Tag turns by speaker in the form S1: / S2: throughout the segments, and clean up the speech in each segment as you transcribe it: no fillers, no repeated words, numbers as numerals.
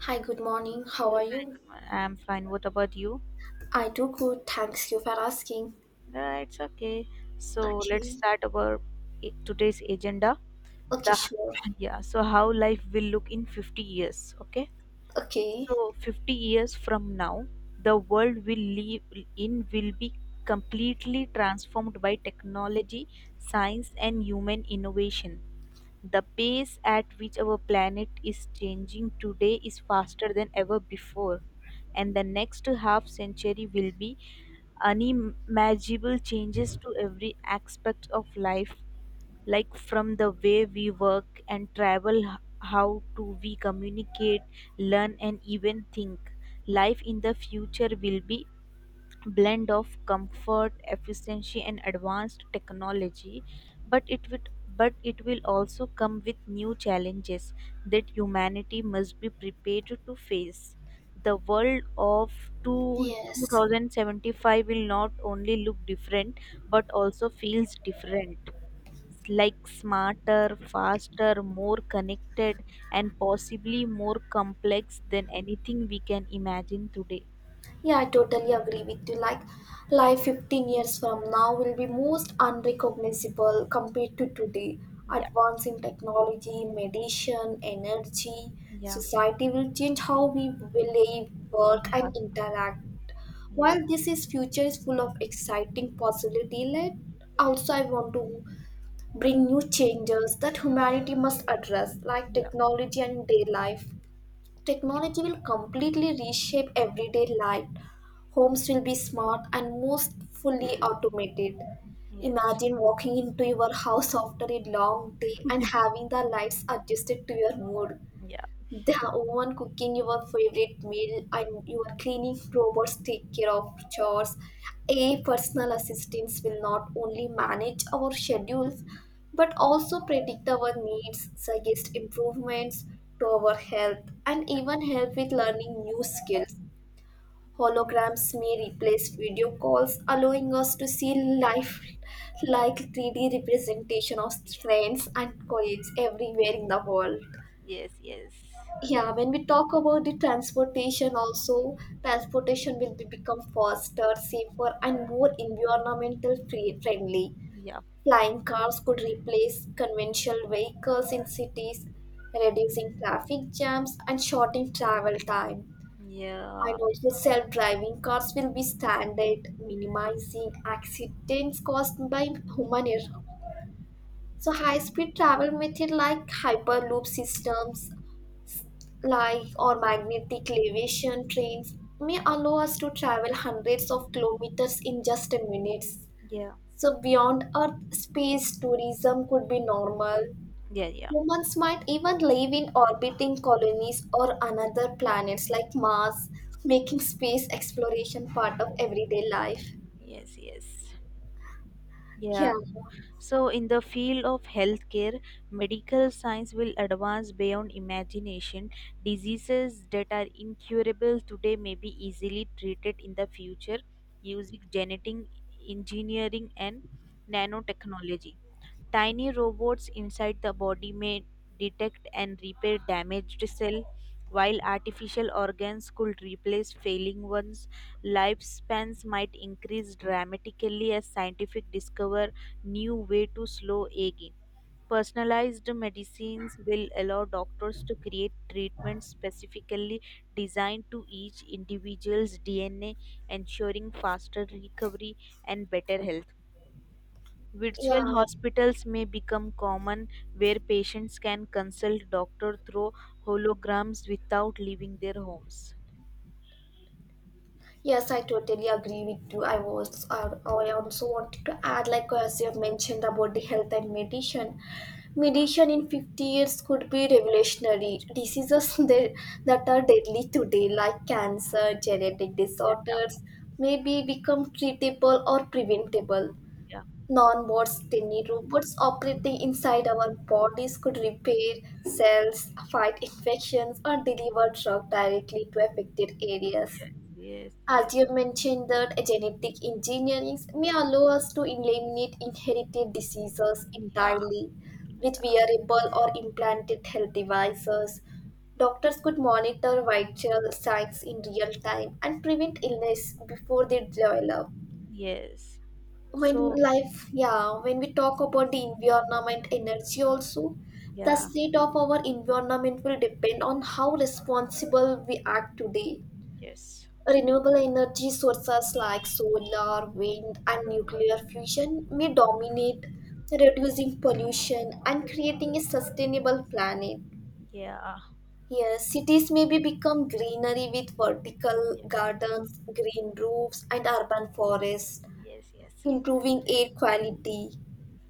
S1: Hi, good morning. How are you?
S2: I'm fine. What about you?
S1: I do good. Thanks you for asking.
S2: It's okay. So let's
S1: Okay.
S2: start today's agenda.
S1: Okay,
S2: The
S1: sure.
S2: yeah. So how life will look in 50 years? Okay.
S1: Okay.
S2: So 50 years from now, the world will live in will be completely transformed by technology, science, and human innovation. The pace at which our planet is changing today is faster than ever before, and the next half century will be unimaginable changes to every aspect of life, like from the way we work and travel, how to we communicate, learn, and even think. Life in the future will be blend of comfort efficiency and advanced technology but it would, but it will also come with new challenges that humanity must be prepared to face the world of
S1: Yes.
S2: 2075 will not only look different but also feels different, like smarter faster more connected and possibly more complex than anything we can imagine today.
S1: Yeah, I totally agree with you. Like, life 15 years from now will be most unrecognizable compared to today.
S2: Yeah,
S1: Advance in technology, medicine, energy,
S2: yeah.
S1: society will change how we live, work,
S2: Yeah.
S1: and interact.
S2: Yes.
S1: While this is future is full of exciting possibility, let also I want to bring new changes that humanity must address, like
S2: Yeah.
S1: technology and day life. Technology will completely reshape everyday life. Homes will be smart and most fully automated.
S2: Yes.
S1: Imagine walking into your house after a long day and having the lights adjusted to your mood.
S2: Yeah.
S1: The one cooking your favorite meal and your cleaning robots take care of chores. A personal assistants will not only manage our schedules but also predict our needs, suggest improvements to our health, and even help with learning new skills. Holograms may replace video calls, allowing us to see life like 3D representation of
S2: Ye-.
S1: friends and colleagues everywhere in the world.
S2: Yes. Yes.
S1: Yeah, when we talk about the transportation also, transportation will be become faster, safer, and more environmental friendly.
S2: Yeah.
S1: Flying cars could replace conventional vehicles in cities, reducing traffic jams and shortening travel time.
S2: Yeah.
S1: And also self-driving cars will be standard, minimizing accidents caused by human error. So high-speed travel method like hyperloop systems, like, or magnetic levitation trains may allow us to travel hundreds of kilometers in just minutes.
S2: Yeah.
S1: So beyond Earth, space tourism could be normal.
S2: Yeah. Yeah.
S1: Humans might even live in orbiting colonies or another planets like Mars, making space exploration part of everyday life.
S2: Yes. Yes. Yes. Yeah.
S1: Yeah,
S2: So, in the field of healthcare, medical science will advance beyond imagination. Diseases that are incurable today may be easily treated in the future using genetic engineering and nanotechnology. Tiny robots inside the body may detect and repair damaged cells, while artificial organs could replace failing ones. Lifespans might increase dramatically as scientific discover new way to slow aging. Personalized medicines will allow doctors to create treatments specifically designed to each individual's DNA, ensuring faster recovery and better health. Virtual
S1: yeah.
S2: hospitals may become common where patients can consult doctor through holograms without leaving their homes.
S1: Yes, I totally agree with you. I was, I also wanted to add, like, as you have mentioned about the health and medicine. Medicine in 50 years could be revolutionary. Diseases that are deadly today, like cancer, genetic
S2: Yeah.
S1: disorders, may be become treatable or preventable.
S2: Yeah.
S1: Non-bots, tiny robots operating inside our bodies could repair cells, fight infections, or deliver drug directly to affected areas.
S2: Yes,
S1: As
S2: yes.
S1: you mentioned, that genetic engineering may allow us to eliminate inherited diseases
S2: Yeah.
S1: entirely with wearable or implanted health devices. Doctors could monitor vital signs in real time and prevent illness before they develop.
S2: Yes.
S1: When
S2: So,
S1: life, yeah, when we talk about the environment, energy also, the
S2: yeah.
S1: state of our environment will depend on how responsible we act today.
S2: Yes.
S1: Renewable energy sources like solar, wind, and nuclear fusion may dominate, reducing pollution and creating a sustainable planet.
S2: Yeah.
S1: Yes, cities may be become greenery with vertical
S2: Yes.
S1: gardens, green roofs, and urban forests,
S2: Yes, yes.
S1: improving air quality.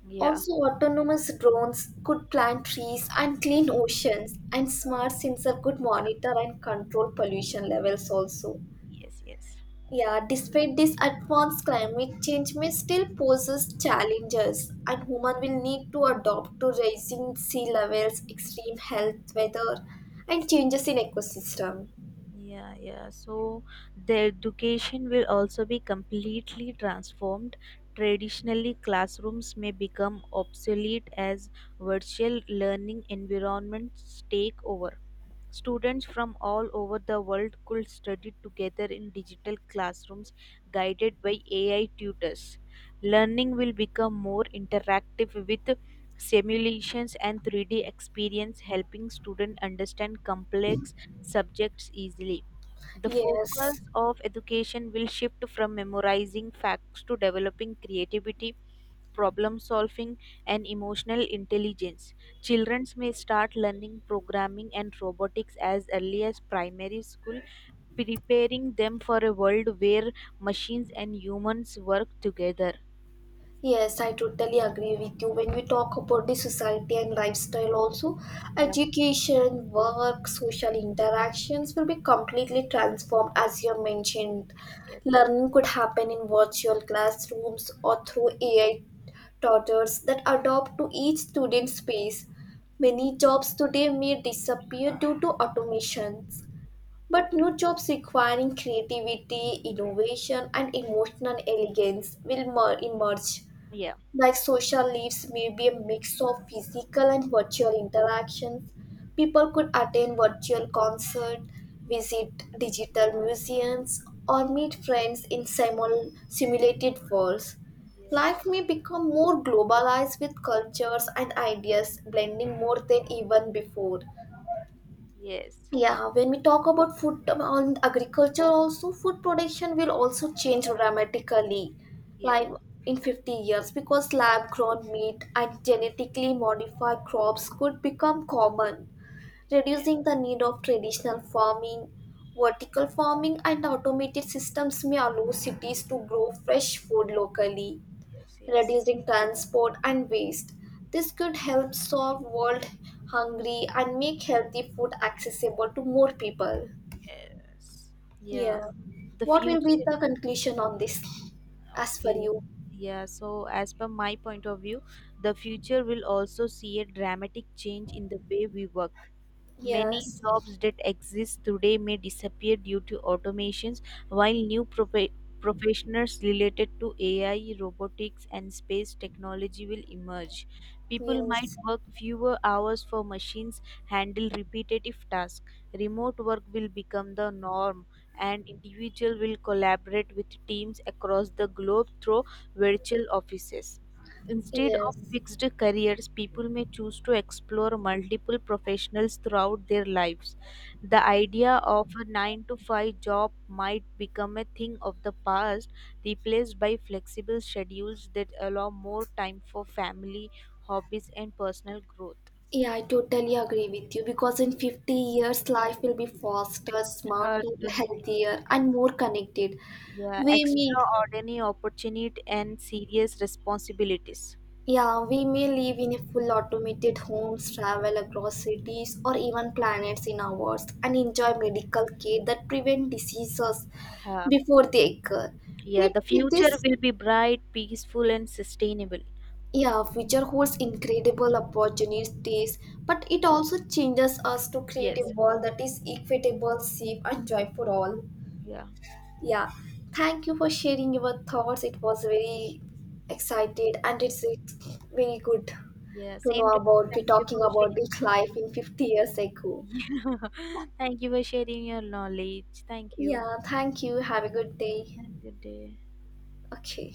S2: Yeah.
S1: Also, autonomous drones could plant trees and clean oceans, and smart sensors could
S2: Yeah.
S1: monitor and control pollution levels also.
S2: Yes, yes.
S1: Yeah, despite this advanced, climate change may still poses challenges, and human will need to adopt to rising sea levels, extreme health, weather, and changes in ecosystem.
S2: Yeah, yeah. So the education will also be completely transformed. Traditionally, classrooms may become obsolete as virtual learning environments take over. Students from all over the world could study together in digital classrooms guided by AI tutors. Learning will become more interactive with simulations and 3D experience, helping students understand complex subjects easily, the
S1: Yes.
S2: focus of education will shift from memorizing facts to developing creativity, problem solving, and emotional intelligence. Children may start learning programming and robotics as early as primary school, preparing them for a world where machines and humans work together.
S1: Yes, I totally agree with you. When we talk about the society and lifestyle, also
S2: Yeah,
S1: education, work, social interactions will be completely transformed as you mentioned.
S2: yes, yes,
S1: Learning could happen in virtual classrooms or through AI tutors that adopt to each student's space. Many jobs today may disappear due to automations, but
S2: yeah,
S1: new jobs requiring creativity, innovation, and emotional elegance will emerge. Like, social leaves may be a mix of physical and virtual interactions. People could attend virtual concert, visit digital museums, or meet friends in simulated worlds.
S2: yes,
S1: Life may become more globalized with cultures and ideas blending more than even before.
S2: yes,
S1: Yeah, when we talk about food on agriculture, also food production will also change dramatically,
S2: yeah,
S1: like, in 50 years, because lab grown meat and genetically modified crops could become common,
S2: yeah,
S1: reducing the need of traditional farming. Vertical farming and automated systems may allow cities to grow fresh food locally,
S2: yes, yes,
S1: reducing transport and waste. This could help solve world hunger and make healthy food accessible to more people.
S2: yes. Yeah.
S1: Yeah.
S2: The
S1: What will be
S2: future.
S1: the conclusion on this as per
S2: Okay.
S1: you?
S2: Yeah, so as per my point of view, the future will also see a dramatic change in the way we work. Many
S1: Yes.
S2: jobs that exist today may disappear due to automations, while new professionals related to AI, robotics, and space technology will emerge. People might
S1: Yes.
S2: work fewer hours for machines handle repetitive tasks. Remote work will become the norm, and individuals will collaborate with teams across the globe through virtual offices. Instead of
S1: Yes.
S2: fixed careers, people may choose to explore multiple professionals throughout their lives. The idea of a 9 to 5 job might become a thing of the past, replaced by flexible schedules that allow more time for family, hobbies, and personal growth.
S1: Yeah, I totally agree with you because in 50 years, life will be faster,
S2: Uh,
S1: smarter,
S2: the-
S1: healthier, and more connected.
S2: yeah,
S1: We meet.
S2: extraordinary opportunity and serious responsibilities.
S1: Yeah, we may live in a full automated homes, travel across cities or even planets in hours, and enjoy medical care that prevent diseases
S2: Yeah,
S1: before they occur.
S2: yeah,
S1: With,
S2: the
S1: with
S2: future
S1: this,
S2: will be bright, peaceful, and sustainable.
S1: yeah, future holds incredible opportunities, but it also changes us to create a
S2: Yes.
S1: world that is equitable, safe, and joy for all.
S2: Yeah.
S1: Yeah, thank you for sharing your thoughts. It was very excited, and it's very good
S2: Yeah,
S1: to know
S2: same to
S1: about we
S2: thank you
S1: talking
S2: for
S1: about this
S2: sharing.
S1: life in 50 years ago.
S2: Yeah. Thank you for sharing your knowledge. Thank you.
S1: Yeah, thank you. Have a good day.
S2: Have a good day.
S1: Okay.